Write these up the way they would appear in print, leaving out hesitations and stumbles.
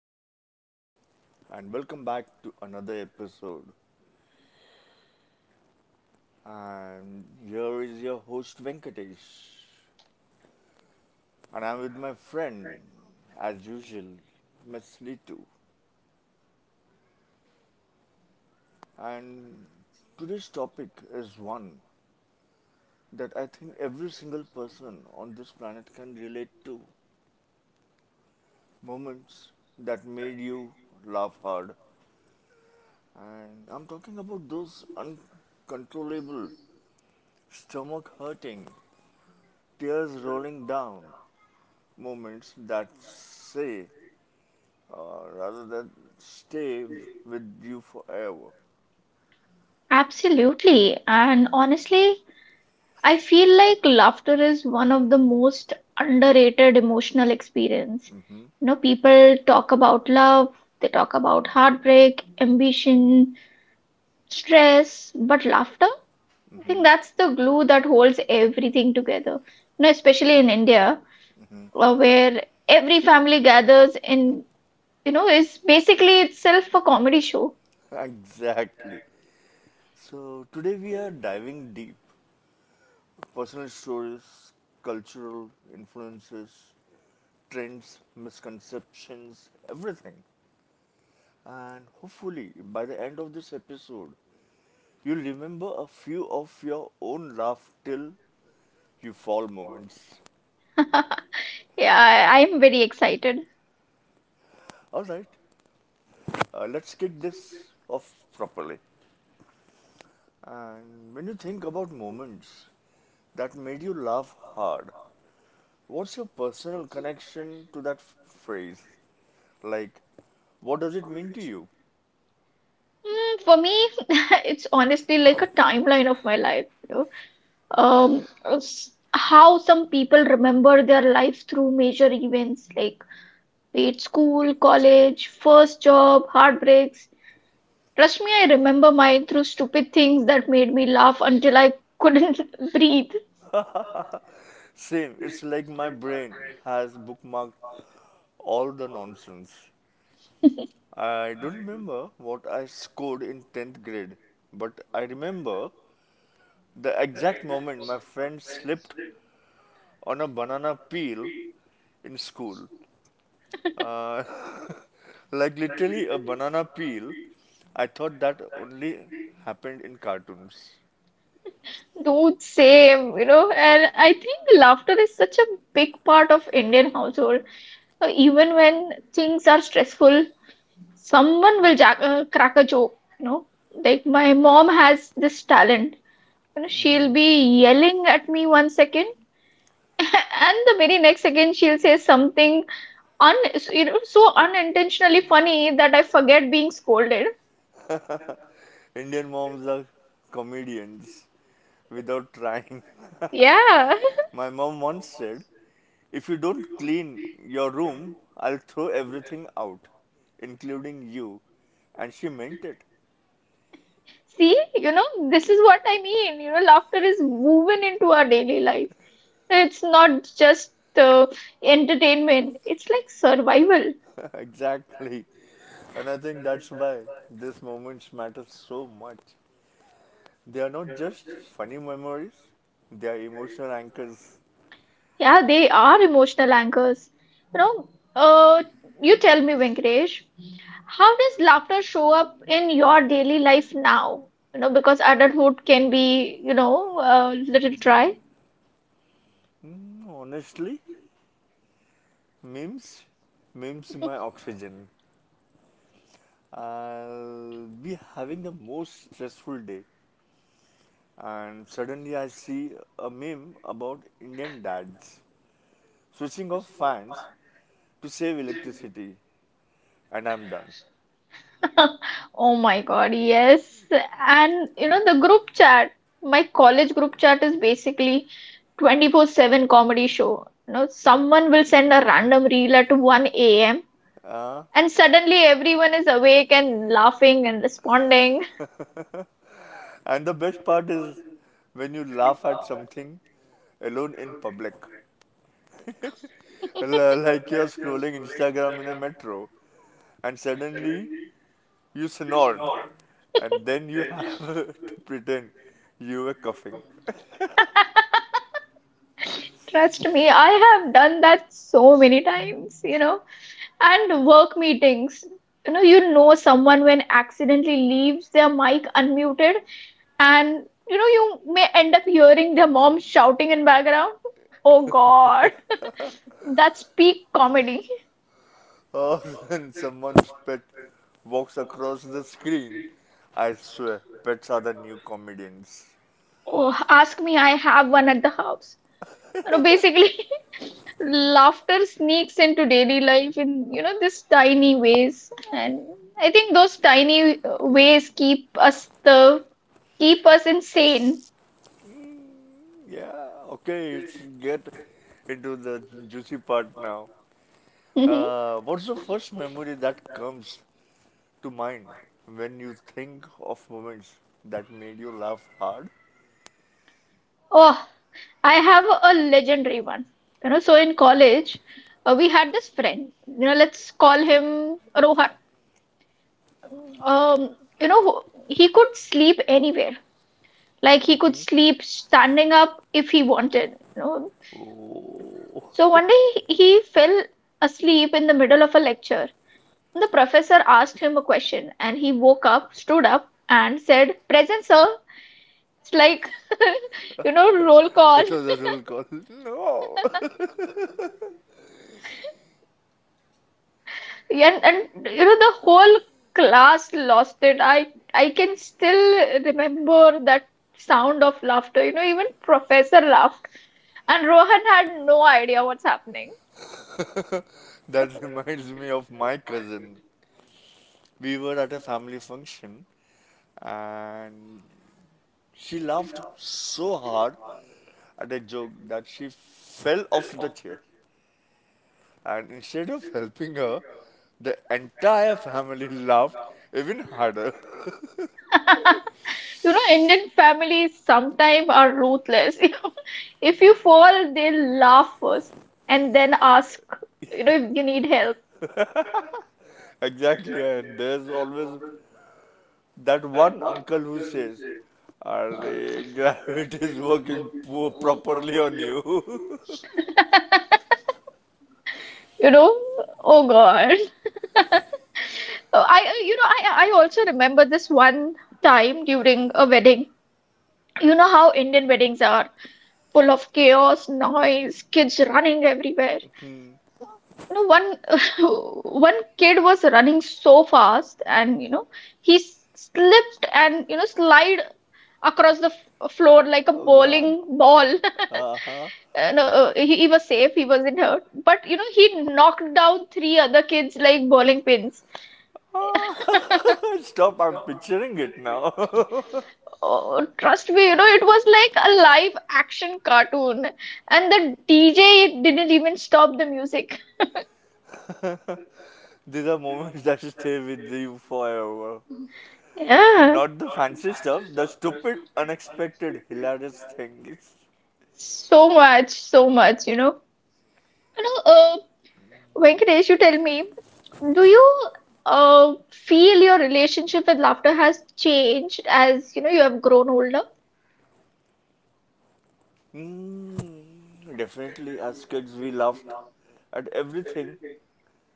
everyone, and welcome back to another episode. And here is your host Venkatesh, and I'm with my friend, as usual, Miss Ritu. And today's topic is one that I think every single person on this planet can relate to: moments that made you laugh hard. And I'm talking about those uncontrollable, stomach hurting, tears rolling down, moments that say rather than stay with you forever. Absolutely. And honestly, I feel like laughter is one of the most underrated emotional experience. hmm People talk about love, they talk about heartbreak, ambition, stress, but laughter, I hmm think that's the glue that holds everything together. Especially in India, hmm where every family gathers in, is basically itself a comedy show. Exactly. So today we are diving deep. Personal stories, cultural influences, trends, misconceptions, everything. And hopefully by the end of this episode, you'll remember a few of your own laugh till you fall moments. Yeah, I'm very excited. Alright. Let's kick this off properly. And when you think about moments that made you laugh hard, what's your personal connection to that phrase? Like, what does it mean to you? Mm, for me, it's honestly like a timeline of my life. Um, how some people remember their life through major events like be it school, college, first job, heartbreaks. Trust me, I remember mine through stupid things that made me laugh until I couldn't breathe. Same, it's like my brain has bookmarked all the nonsense. I don't remember what I scored in 10th grade, but I remember the exact moment my friend slipped on a banana peel in school. uh, like literally a banana peel. I thought that only happened in cartoons. I- Dude, same, you know. And I think laughter is such a big part of Indian household. Even when things are stressful, someone will crack a joke, you know, like my mom has this talent. She'll be yelling at me one second and the very next second she'll say something un so unintentionally funny that I forget being scolded. Indian moms are comedians without trying. Yeah. My mom once said, "If you don't clean your room, I'll throw everything out, including you." And she meant it. See, you know, this is what I mean, laughter is woven into our daily life. It's not just entertainment, it's like survival. Exactly. And I think that's why these moments matter so much. They are not just funny memories, they are emotional anchors. Yeah, they are emotional anchors. You know, uh, you tell me, Venkatesh, how does laughter show up in your daily life now? You know, because adulthood can be, you know, a little dry. Mm, honestly, memes, memes my oxygen. I'll be having the most stressful day, and suddenly I see a meme about Indian dads switching off fans to save electricity, and I'm done. Oh my God, yes. And, you know, the group chat, my college group chat is basically 24/7 comedy show. You know, someone will send a random reel at 1 a.m. Uh, and suddenly everyone is awake and laughing and responding. and the best part is when you laugh at something alone in public. Like you're scrolling Instagram in a metro and suddenly you snort and then you have to pretend you were coughing. Trust me, I have done that so many times, you know. And work meetings, you know someone when accidentally leaves their mic unmuted, and you know, you may end up hearing their mom shouting in background. Oh God, that's peak comedy. Or when someone's pet walks across the screen, I swear, pets are the new comedians. Oh, ask me, I have one at the house. You know, basically, laughter sneaks into daily life in, you know, these tiny ways. And I think those tiny ways keep us the keep us insane. Mm, Yeah, okay, let's get into the juicy part now. Mhm. What's the first memory that comes to mind when you think of moments that made you laugh hard? Oh, I have a legendary one. You know, so in college, we had this friend. You know, let's call him Rohan. Um, you know, he could sleep anywhere. Like he could Mhm. sleep standing up if he wanted. You know, Oh, so one day he fell asleep in the middle of a lecture. The professor asked him a question and he woke up, stood up, and said, "Present, sir." It's like, you know, roll call. it was a roll call. No, And you know, the whole class lost it. I can still remember that sound of laughter. You know, even professor laughed. And Rohan had no idea what's happening. that reminds me of my cousin. We were at a family function and she laughed so hard at a joke that she fell off the chair. And instead of helping her, the entire family laughed even harder. You know, Indian families sometimes are ruthless. You, if you fall, they'll laugh first and then ask, you know, if you need help, Exactly, and there's always that one uncle who says, "Arre, gravity is working properly on you." you know. Oh God. I, you know, I also remember this one time during a wedding. You know how Indian weddings are full of chaos, noise, kids running everywhere. Hmm. You know, one one kid was running so fast, and you know, slipped and you know slide across the floor like a Oh God. bowling ball. Uh-huh. No, he was safe, he wasn't hurt. But you know, he knocked down three other kids like bowling pins. Stop, I'm picturing it now. Oh, trust me, you know, it was like a live action cartoon, and the DJ didn't even stop the music. These are moments that stay with you forever. Yeah, Not the fancy stuff, the stupid, unexpected, hilarious things. so much, so much, you know. You know, uh, Venkatesh, you tell me, do you feel your relationship with laughter has changed as you know you have grown older? Mm, Definitely, as kids, we laughed at everything.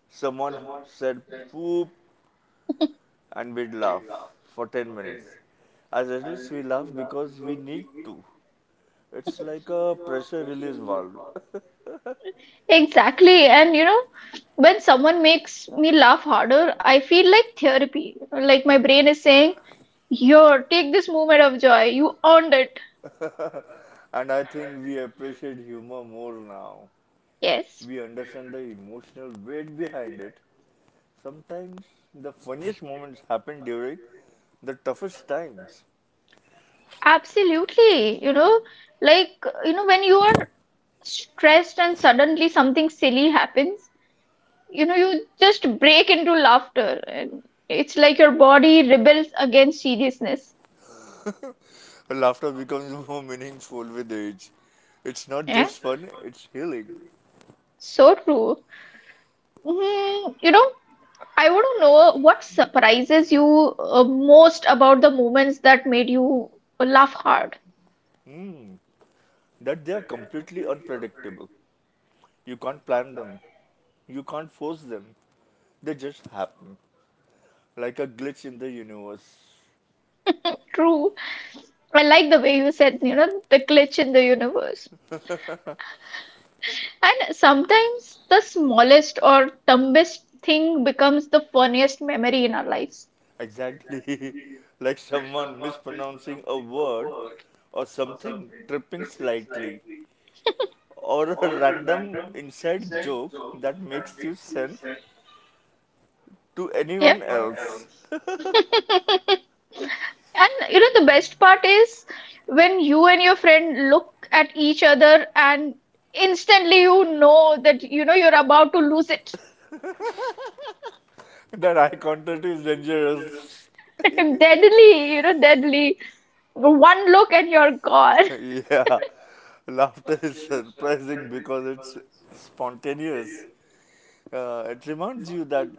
Someone said poop, and we'd laugh for 10 minutes. As adults, we laugh because we need to. It's like a pressure release valve. Exactly, and you know, when someone makes me laugh harder, I feel like therapy. Like my brain is saying, "Here, take this moment of joy. You earned it." And I think we appreciate humor more now. Yes, We understand the emotional weight behind it. Sometimes the funniest moments happen during the toughest times. absolutely. You know, like, you know, when you are stressed and suddenly something silly happens, you know, you just break into laughter. And it's like your body rebels against seriousness. Laughter becomes more meaningful with age. It's not Yeah, just fun, it's healing. so true. Mhm. You know, I want to know what surprises you most about the moments that made you laugh hard. Hmm. That they are completely unpredictable. You can't plan them, you can't force them. They just happen. Like a glitch in the universe. True. I like the way you said, you know, the glitch in the universe. And sometimes the smallest or dumbest thing becomes the funniest memory in our lives. Exactly. Like someone mispronouncing a word or something tripping slightly or a random inside joke that makes you sense to Yeah. anyone else. And you know, the best part is when you and your friend look at each other and instantly you know that you know you're about to lose it. That eye contact is dangerous. Deadly, you know, deadly. One look and you're gone. Yeah, laughter is surprising because it's spontaneous. It reminds you that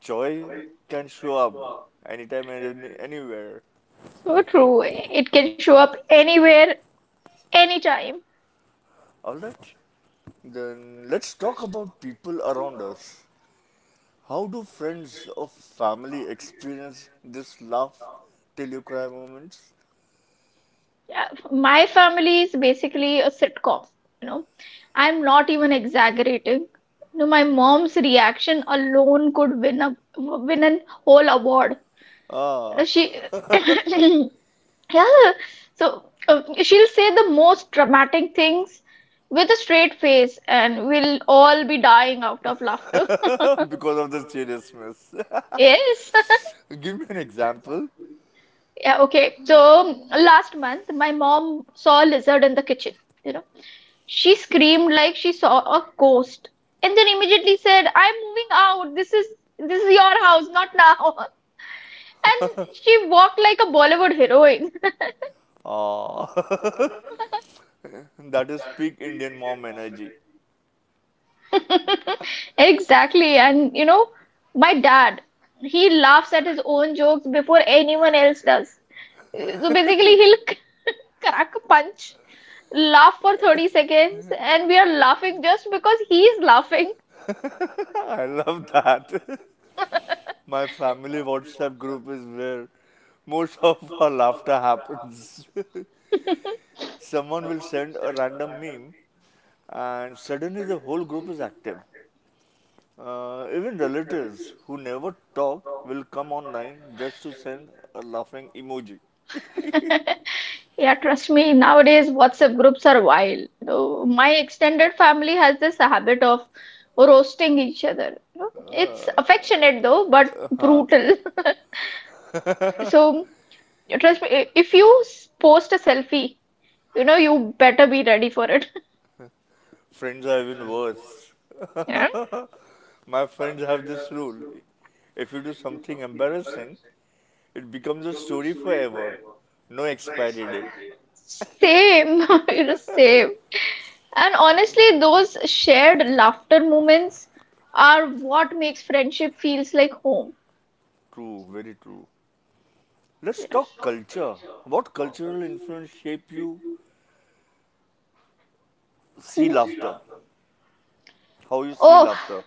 joy can show up anytime and anywhere. So true. It can show up anywhere, anytime. All right, then let's talk about people around us. How do friends or family experience this laugh till you cry moments? Yeah, my family is basically a sitcom. You know, I'm not even exaggerating. You know, my mom's reaction alone could win an whole award. You know, Ah, she, yeah. So she'll say the most dramatic things with a straight face, and we'll all be dying out of laughter. because of the seriousness. Yes. Give me an example. Yeah, okay. So last month, my mom saw a lizard in the kitchen. You know, she screamed like she saw a ghost, and then immediately said, "I'm moving out. This is your house, not now." And she walked like a Bollywood heroine. Ah, that is peak Indian mom energy. Exactly. And you know, my dad, he laughs at his own jokes before anyone else does. So basically, he'll crack a punch, laugh for 30 seconds, and we are laughing just because he is laughing. I love that. My family WhatsApp group is where most of our laughter happens. Someone will send a random meme, and suddenly the whole group is active. Even relatives who never talk will come online just to send a laughing emoji. Yeah, trust me, nowadays WhatsApp groups are wild. You know, my extended family has this habit of roasting each other. You know, it's Uh, affectionate though, but uh-huh. brutal. So, trust me, if you post a selfie, you know, you better be ready for it. Friends are even worse. Yeah. My friends have this rule. If you do something embarrassing, it becomes a story forever. No expiry date. Same, you know, same. And honestly, those shared laughter moments are what makes friendship feels like home. True, very true. Let's talk culture. What cultural influence shape you see Mhm. laughter? How you see Oh, laughter?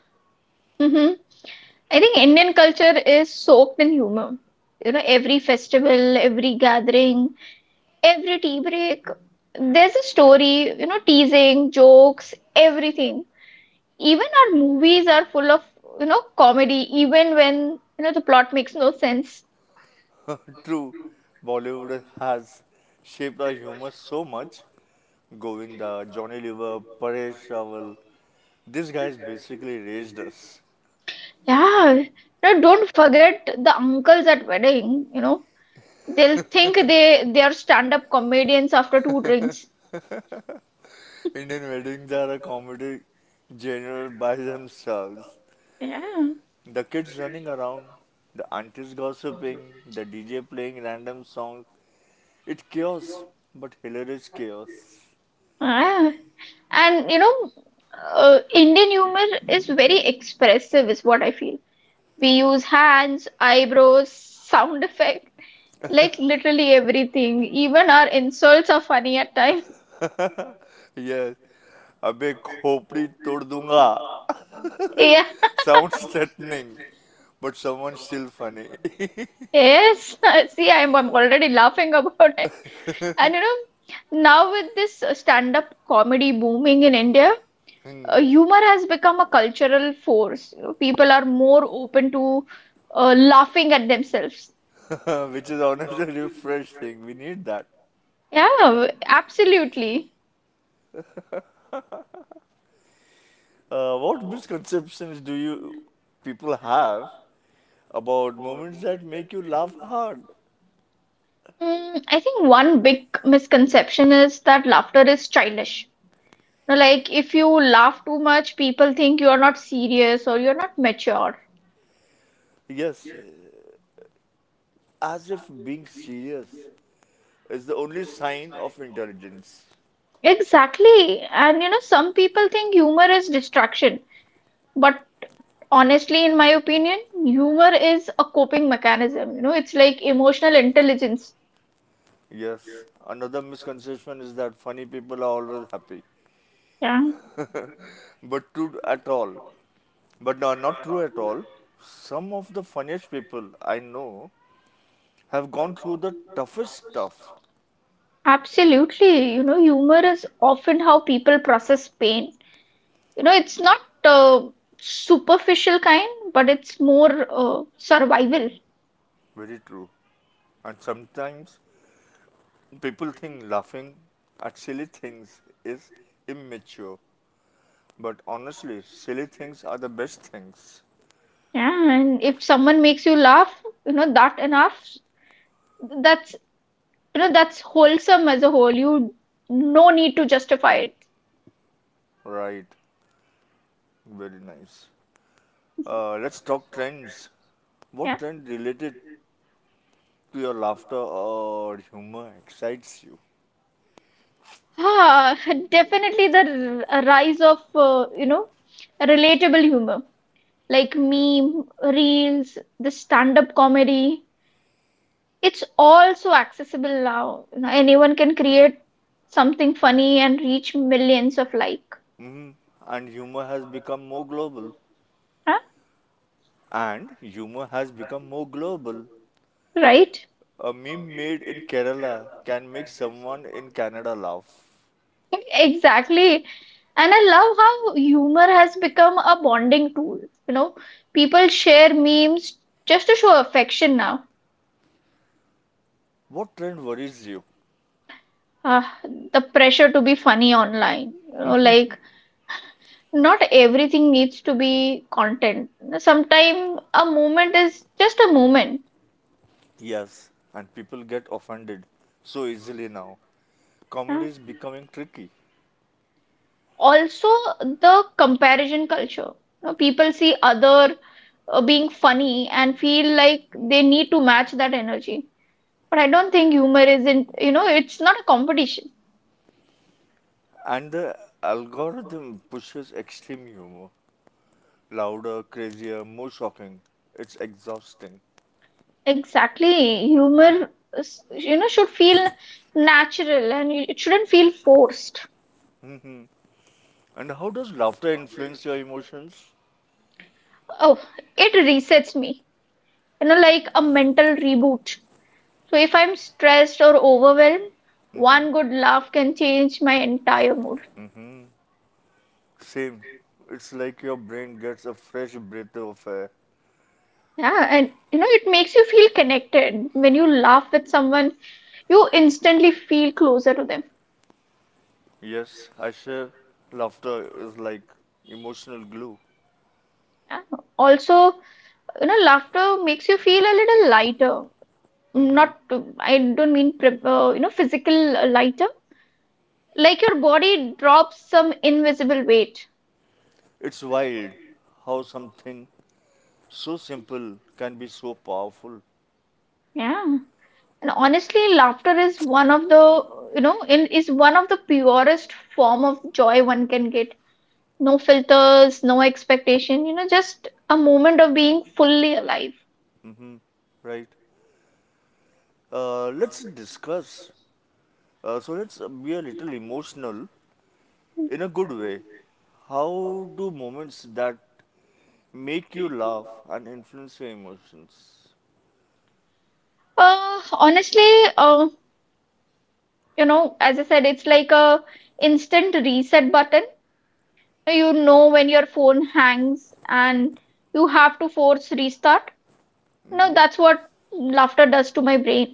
mhm. I think Indian culture is soaked in humor. You know, every festival, every gathering, every tea break, there's a story, you know, teasing, jokes, everything. Even our movies are full of, you know, comedy, even when, you know, the plot makes no sense. True, Bollywood has shaped our humor so much. Govinda, Johnny Lever, Paresh Rawal. These guys basically raised us. Yeah. You know, don't forget the uncles at wedding, you know. They'll think they are stand-up comedians after two drinks. Indian weddings are a comedy genre by themselves. Yeah. The kids running around, the aunties gossiping, the DJ playing random songs. It's chaos, but hilarious chaos. Ah. And you know, Indian humor is very expressive, is what I feel. We use hands, eyebrows, sound effect, like literally everything. Even our insults are funny at times. Yes, अबे खोपड़ी तोड़ दूंगा. Yeah, Sounds threatening, but someone's still funny. yes. See, I'm already laughing about it. And you know, now with this stand-up comedy booming in India, Hmm. Humor has become a cultural force. You know, people are more open to laughing at themselves. Which is honestly refreshing. We need that. Yeah, absolutely. What misconceptions do you people have about moments that make you laugh hard? Mm, I think one big misconception is that laughter is childish. Now, like, if you laugh too much, people think you are not serious or you're not mature. Yes, as if being serious is the only sign of intelligence. Exactly. And you know, some people think humor is distraction. But honestly, in my opinion, humor is a coping mechanism. You know, it's like emotional intelligence. Yes, another misconception is that funny people are always happy, Yeah, but true at all. But no, not true at all. Some of the funniest people I know have gone through the toughest stuff. absolutely. You know, humor is often how people process pain. You know, it's not uh, superficial kind, but it's more survival. Very true. And sometimes people think laughing at silly things is immature. But honestly, silly things are the best things. Yeah, and if someone makes you laugh, you know, that enough, that's you know, that's wholesome as a whole. You, no need to justify it. Right, very nice. Let's talk trends. Yeah. What trend related to your laughter or humor excites you? Ah, definitely the rise of uh, you know relatable humor, like meme, reels, the stand-up comedy. It's also accessible now. You know, anyone can create something funny and reach millions of, like, hmm And humor has become more global. huh? And humor has become more global. Right? A meme made in Kerala can make someone in Canada laugh. Exactly. And I love how humor has become a bonding tool. You know, people share memes just to show affection now. What trend worries you? Ah, the pressure to be funny online. You know, like, not everything needs to be content. Sometimes a moment is just a moment. Yes, and people get offended so easily now. Comedy Ah, is becoming tricky. also, the comparison culture. You know, people see other being funny and feel like they need to match that energy. But I don't think humor isn't, you know, it's not a competition. And the algorithm pushes extreme humor: louder, crazier, more shocking. It's exhausting. Exactly. Humor you know, should feel natural, and it shouldn't feel forced. Mhm. And how does laughter influence your emotions? Oh, it resets me, you know, like a mental reboot. So if I'm stressed or overwhelmed, hmm one good laugh can change my entire mood. hmm Same. It's like your brain gets a fresh breath of air. Yeah, and you know, it makes you feel connected. When you laugh with someone, you instantly feel closer to them. Yes, I share. Laughter is like emotional glue. Yeah. Also, you know, laughter makes you feel a little lighter. hmm Not, I don't mean, physical lighter. Like your body drops some invisible weight. It's wild how something so simple can be so powerful. Yeah. And honestly, laughter is one of the, you know, in is one of the purest form of joy one can get. No filters, no expectation, you know, just a moment of being fully alive. hmm right. Let's discuss so let's be a little emotional, in a good way. How do moments that make you laugh and influence your emotions? Uh, honestly, uh, you know, as I said, it's like a instant reset button. You know, when your phone hangs and you have to force restart. No, hmm that's what laughter does to my brain.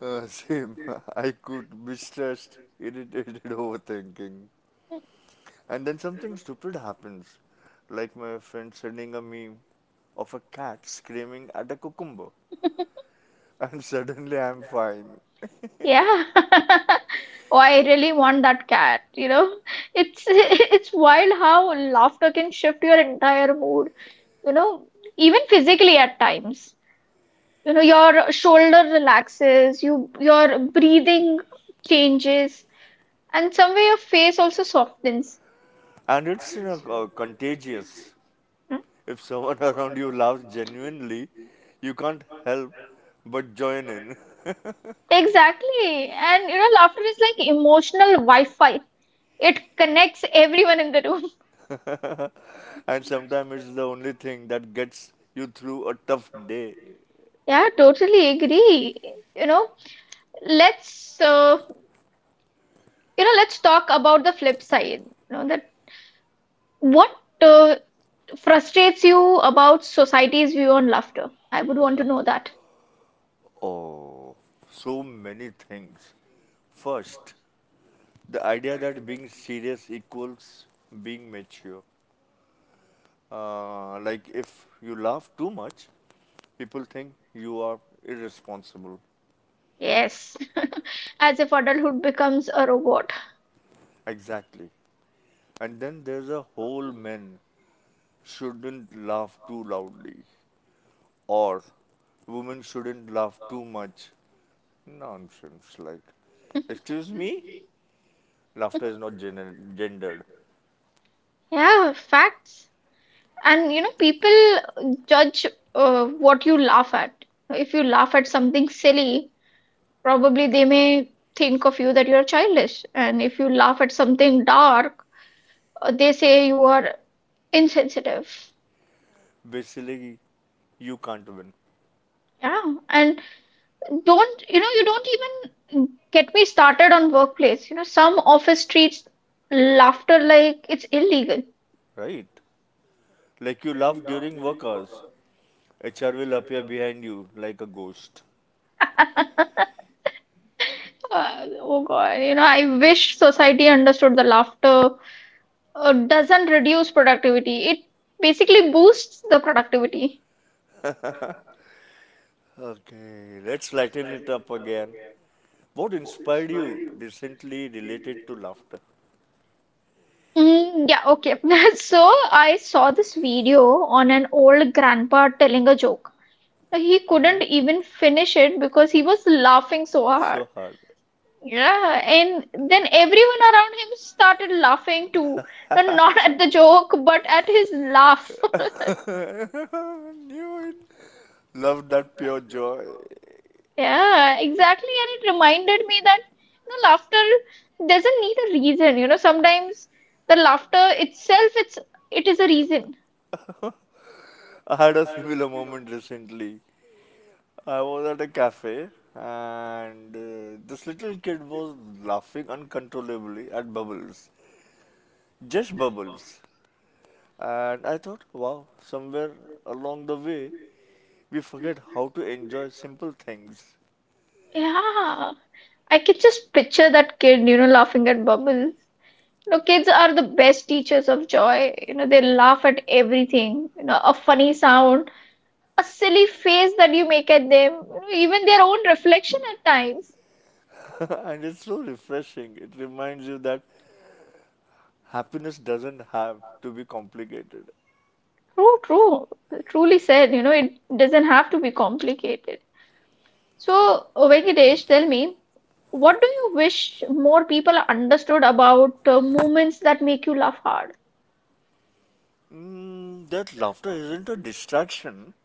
Same. I could be stressed, irritated, overthinking. And then something stupid happens, like my friend sending a meme of a cat screaming at a cucumber, and suddenly I'm fine. Yeah. Oh, I really want that cat, It's it's wild how laughter can shift your entire mood, you know, even physically at times. You know, your shoulder relaxes, your breathing changes, and somewhere your face also softens. And it's, you know, contagious. Hmm? If someone around you laughs genuinely, you can't help but join in. Exactly. And you know, laughter is like emotional wi-fi. It connects everyone in the room. And sometimes it's the only thing that gets you through a tough day. Yeah, totally agree. you know let's uh, you know, let's talk about the flip side, you know, that what uh, frustrates you about society's view on laughter. I would want to know that. Oh, so many things. First, the idea that being serious equals being mature. Like if you laugh too much, people think you are irresponsible. Yes. As if adulthood becomes a robot. Exactly. And then there's a whole men shouldn't laugh too loudly or women shouldn't laugh too much. Nonsense. Like, excuse me? Laughter is not gendered. Yeah, facts. And you know, people judge what you laugh at. If you laugh at something silly, probably they may think of you that you're childish. And if you laugh at something dark, they say you are insensitive. Basically, you can't win, Yeah. And don't, you know, you don't even get me started on workplace. You know, some office treats laughter like it's illegal. right? Like, you laugh during work hours. HR will appear behind you like a ghost. Uh, oh God. You know, I wish society understood the laughter doesn't reduce productivity. It basically boosts the productivity. Okay, let's lighten it up again. What inspired you recently related to laughter? Mm, yeah, okay. So I saw this video on an old grandpa telling a joke. He hmm couldn't even finish it because he was laughing so hard. So hard. Yeah, and then everyone around him started laughing too. No, not at the joke, but at his laugh. I knew it. Love that pure joy. Yeah, exactly. And it reminded me that laughter doesn't need a reason. You know, sometimes the laughter itself, it is a reason. I had a similar moment recently. I was at a cafe and this little kid was laughing uncontrollably at bubbles. Just bubbles. And I thought, wow, somewhere along the way, we forget how to enjoy simple things. Yeah, I can just picture that kid, you know, laughing at bubbles. You know, kids are the best teachers of joy. You know, they laugh at everything. You know, a funny sound, a silly face that you make at them, you know, even their own reflection at times. And it's so refreshing. It reminds you that happiness doesn't have to be complicated. True, true. Truly said, you know, it doesn't have to be complicated. So, Venkatesh, tell me, what do you wish more people understood about movements that make you laugh hard? Mm, that laughter isn't a distraction,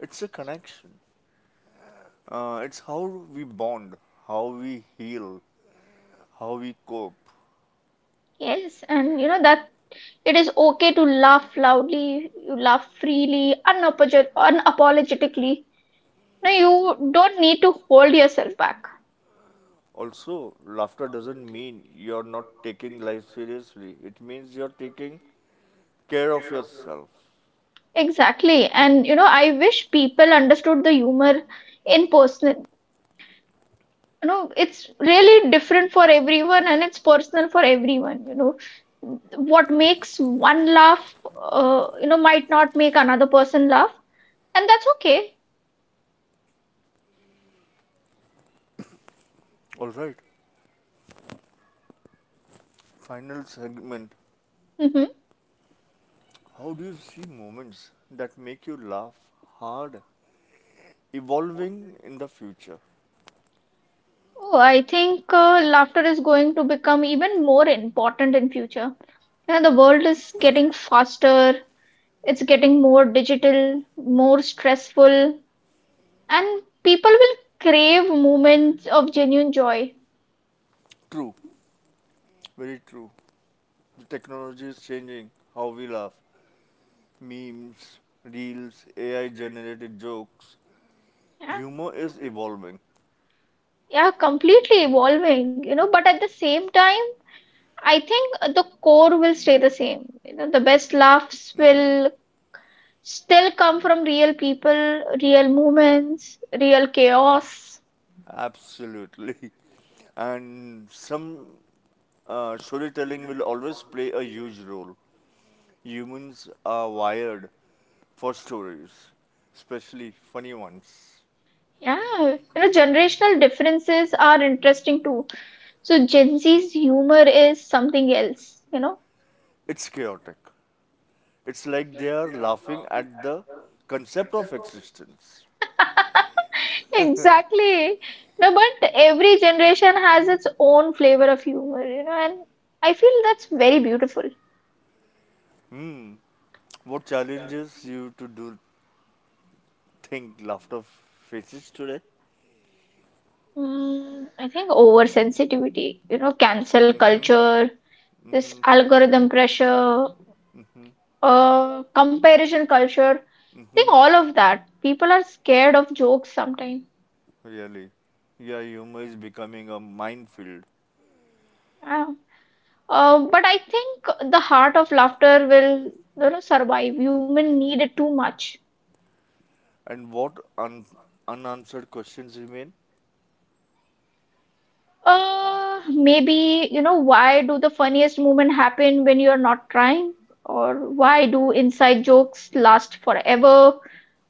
it's a connection. It's how we bond, how we heal, how we cope. Yes, and you know that it is okay to laugh loudly, you laugh freely, unapologetically. No, you don't need to hold yourself back. Also, laughter doesn't mean you're not taking life seriously, it means you're taking care of yourself. Exactly. And you know, I wish people understood the humor in person. You know, it's really different for everyone and it's personal for everyone. You know, what makes one laugh might not make another person laugh, and that's okay. All right. Final segment. Hmm. How do you see moments that make you laugh hard evolving in the future? Oh, I think laughter is going to become even more important in future. You know, the world is getting faster, it's getting more digital, more stressful, and people will crave moments of genuine joy. True, very true. The technology is changing how we laugh. Memes, reels, AI generated jokes. Yeah. Humor is evolving. Yeah, completely evolving, you know, but at the same time I think the core will stay the same. You know, the best laughs Mhm. will still come from real people, real moments, real chaos. Absolutely. And some storytelling will always play a huge role. Humans are wired for stories, especially funny ones. Yeah, you know, generational differences are interesting too. So Gen Z's humor is something else, you know. It's chaotic. It's like they are laughing at the concept of existence. Exactly. No, but every generation has its own flavor of humor, you know, and I feel that's very beautiful. Hmm, what challenges you to do think laughter faces today? Mm, I think oversensitivity, you know, cancel Mm-hmm, culture, this mm-hmm, algorithm pressure, mm-hmm, comparison culture. I mm-hmm. think all of that. People are scared of jokes sometimes. Really? Yeah, humor is becoming a minefield. Yeah. But I think the heart of laughter will, you know, survive. Human need it too much. And what unanswered questions remain? Maybe, you know, why do the funniest moment happen when you're not trying? Or why do inside jokes last forever?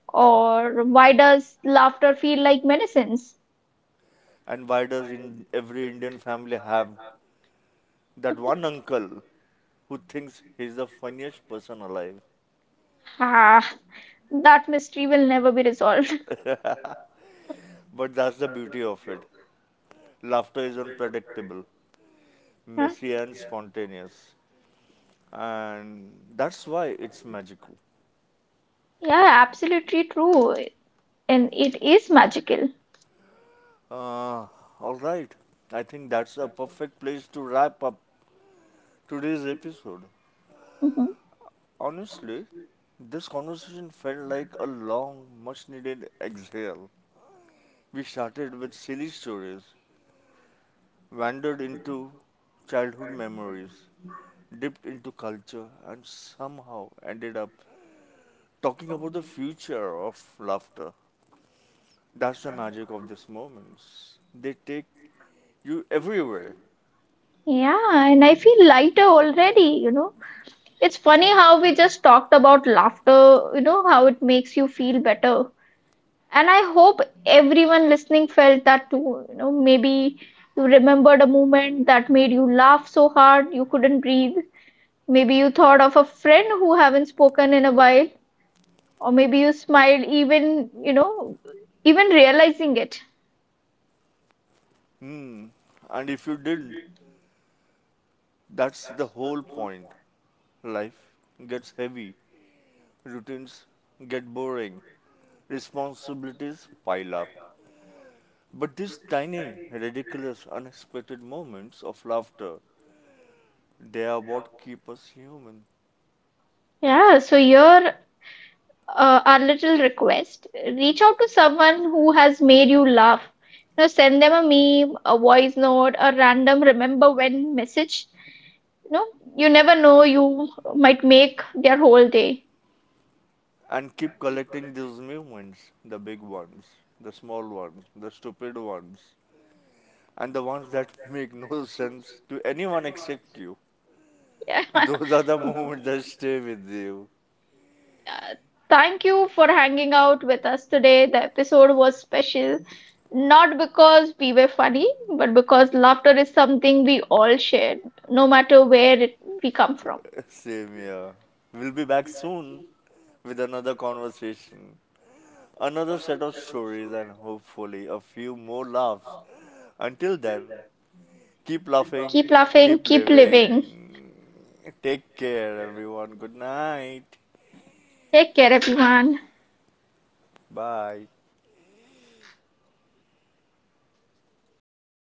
Or why does laughter feel like medicine? And why does in every Indian family have that one uncle who thinks he's the funniest person alive? Ah, that mystery will never be resolved. But that's the beauty of it. Laughter is unpredictable, Yeah, messy, and spontaneous. And that's why it's magical. yeah, absolutely true. And it is magical. Uh, all right. I think that's a perfect place to wrap up today's episode. Mhm. Honestly, this conversation felt like a long, much needed exhale. We started with silly stories, wandered into childhood memories, dipped into culture, and somehow ended up talking about the future of laughter. That's the magic of these moments. They take you everywhere. Yeah, and I feel lighter already, you know. It's funny how we just talked about laughter, you know, how it makes you feel better. And I hope everyone listening felt that too. You know, maybe you remembered a moment that made you laugh so hard you couldn't breathe. Maybe you thought of a friend who haven't spoken in a while, or maybe you smiled even, even realizing it. Hmm. And if you didn't, that's the whole point. Life gets heavy, routines get boring, responsibilities pile up. But these tiny, ridiculous, unexpected moments of laughter, they are what keep us human. Yeah, so your our little request: reach out to someone who has made you laugh, you know, send them a meme, a voice note, a random remember when message. You know, you never know, you might make their whole day. And keep collecting these moments: the big ones, the small ones, the stupid ones, and the ones that make no sense to anyone except you. Yeah. Those are the moments that stay with you. Uh, Thank you for hanging out with us today. The episode was special, not because we were funny, but because laughter is something we all share, no matter where we come from. Same here. We'll be back soon with another conversation, another set of stories, and hopefully a few more laughs. Until then, keep laughing, Keep laughing, keep keep living. living. Take care, everyone. Good night. Take care, everyone. Bye.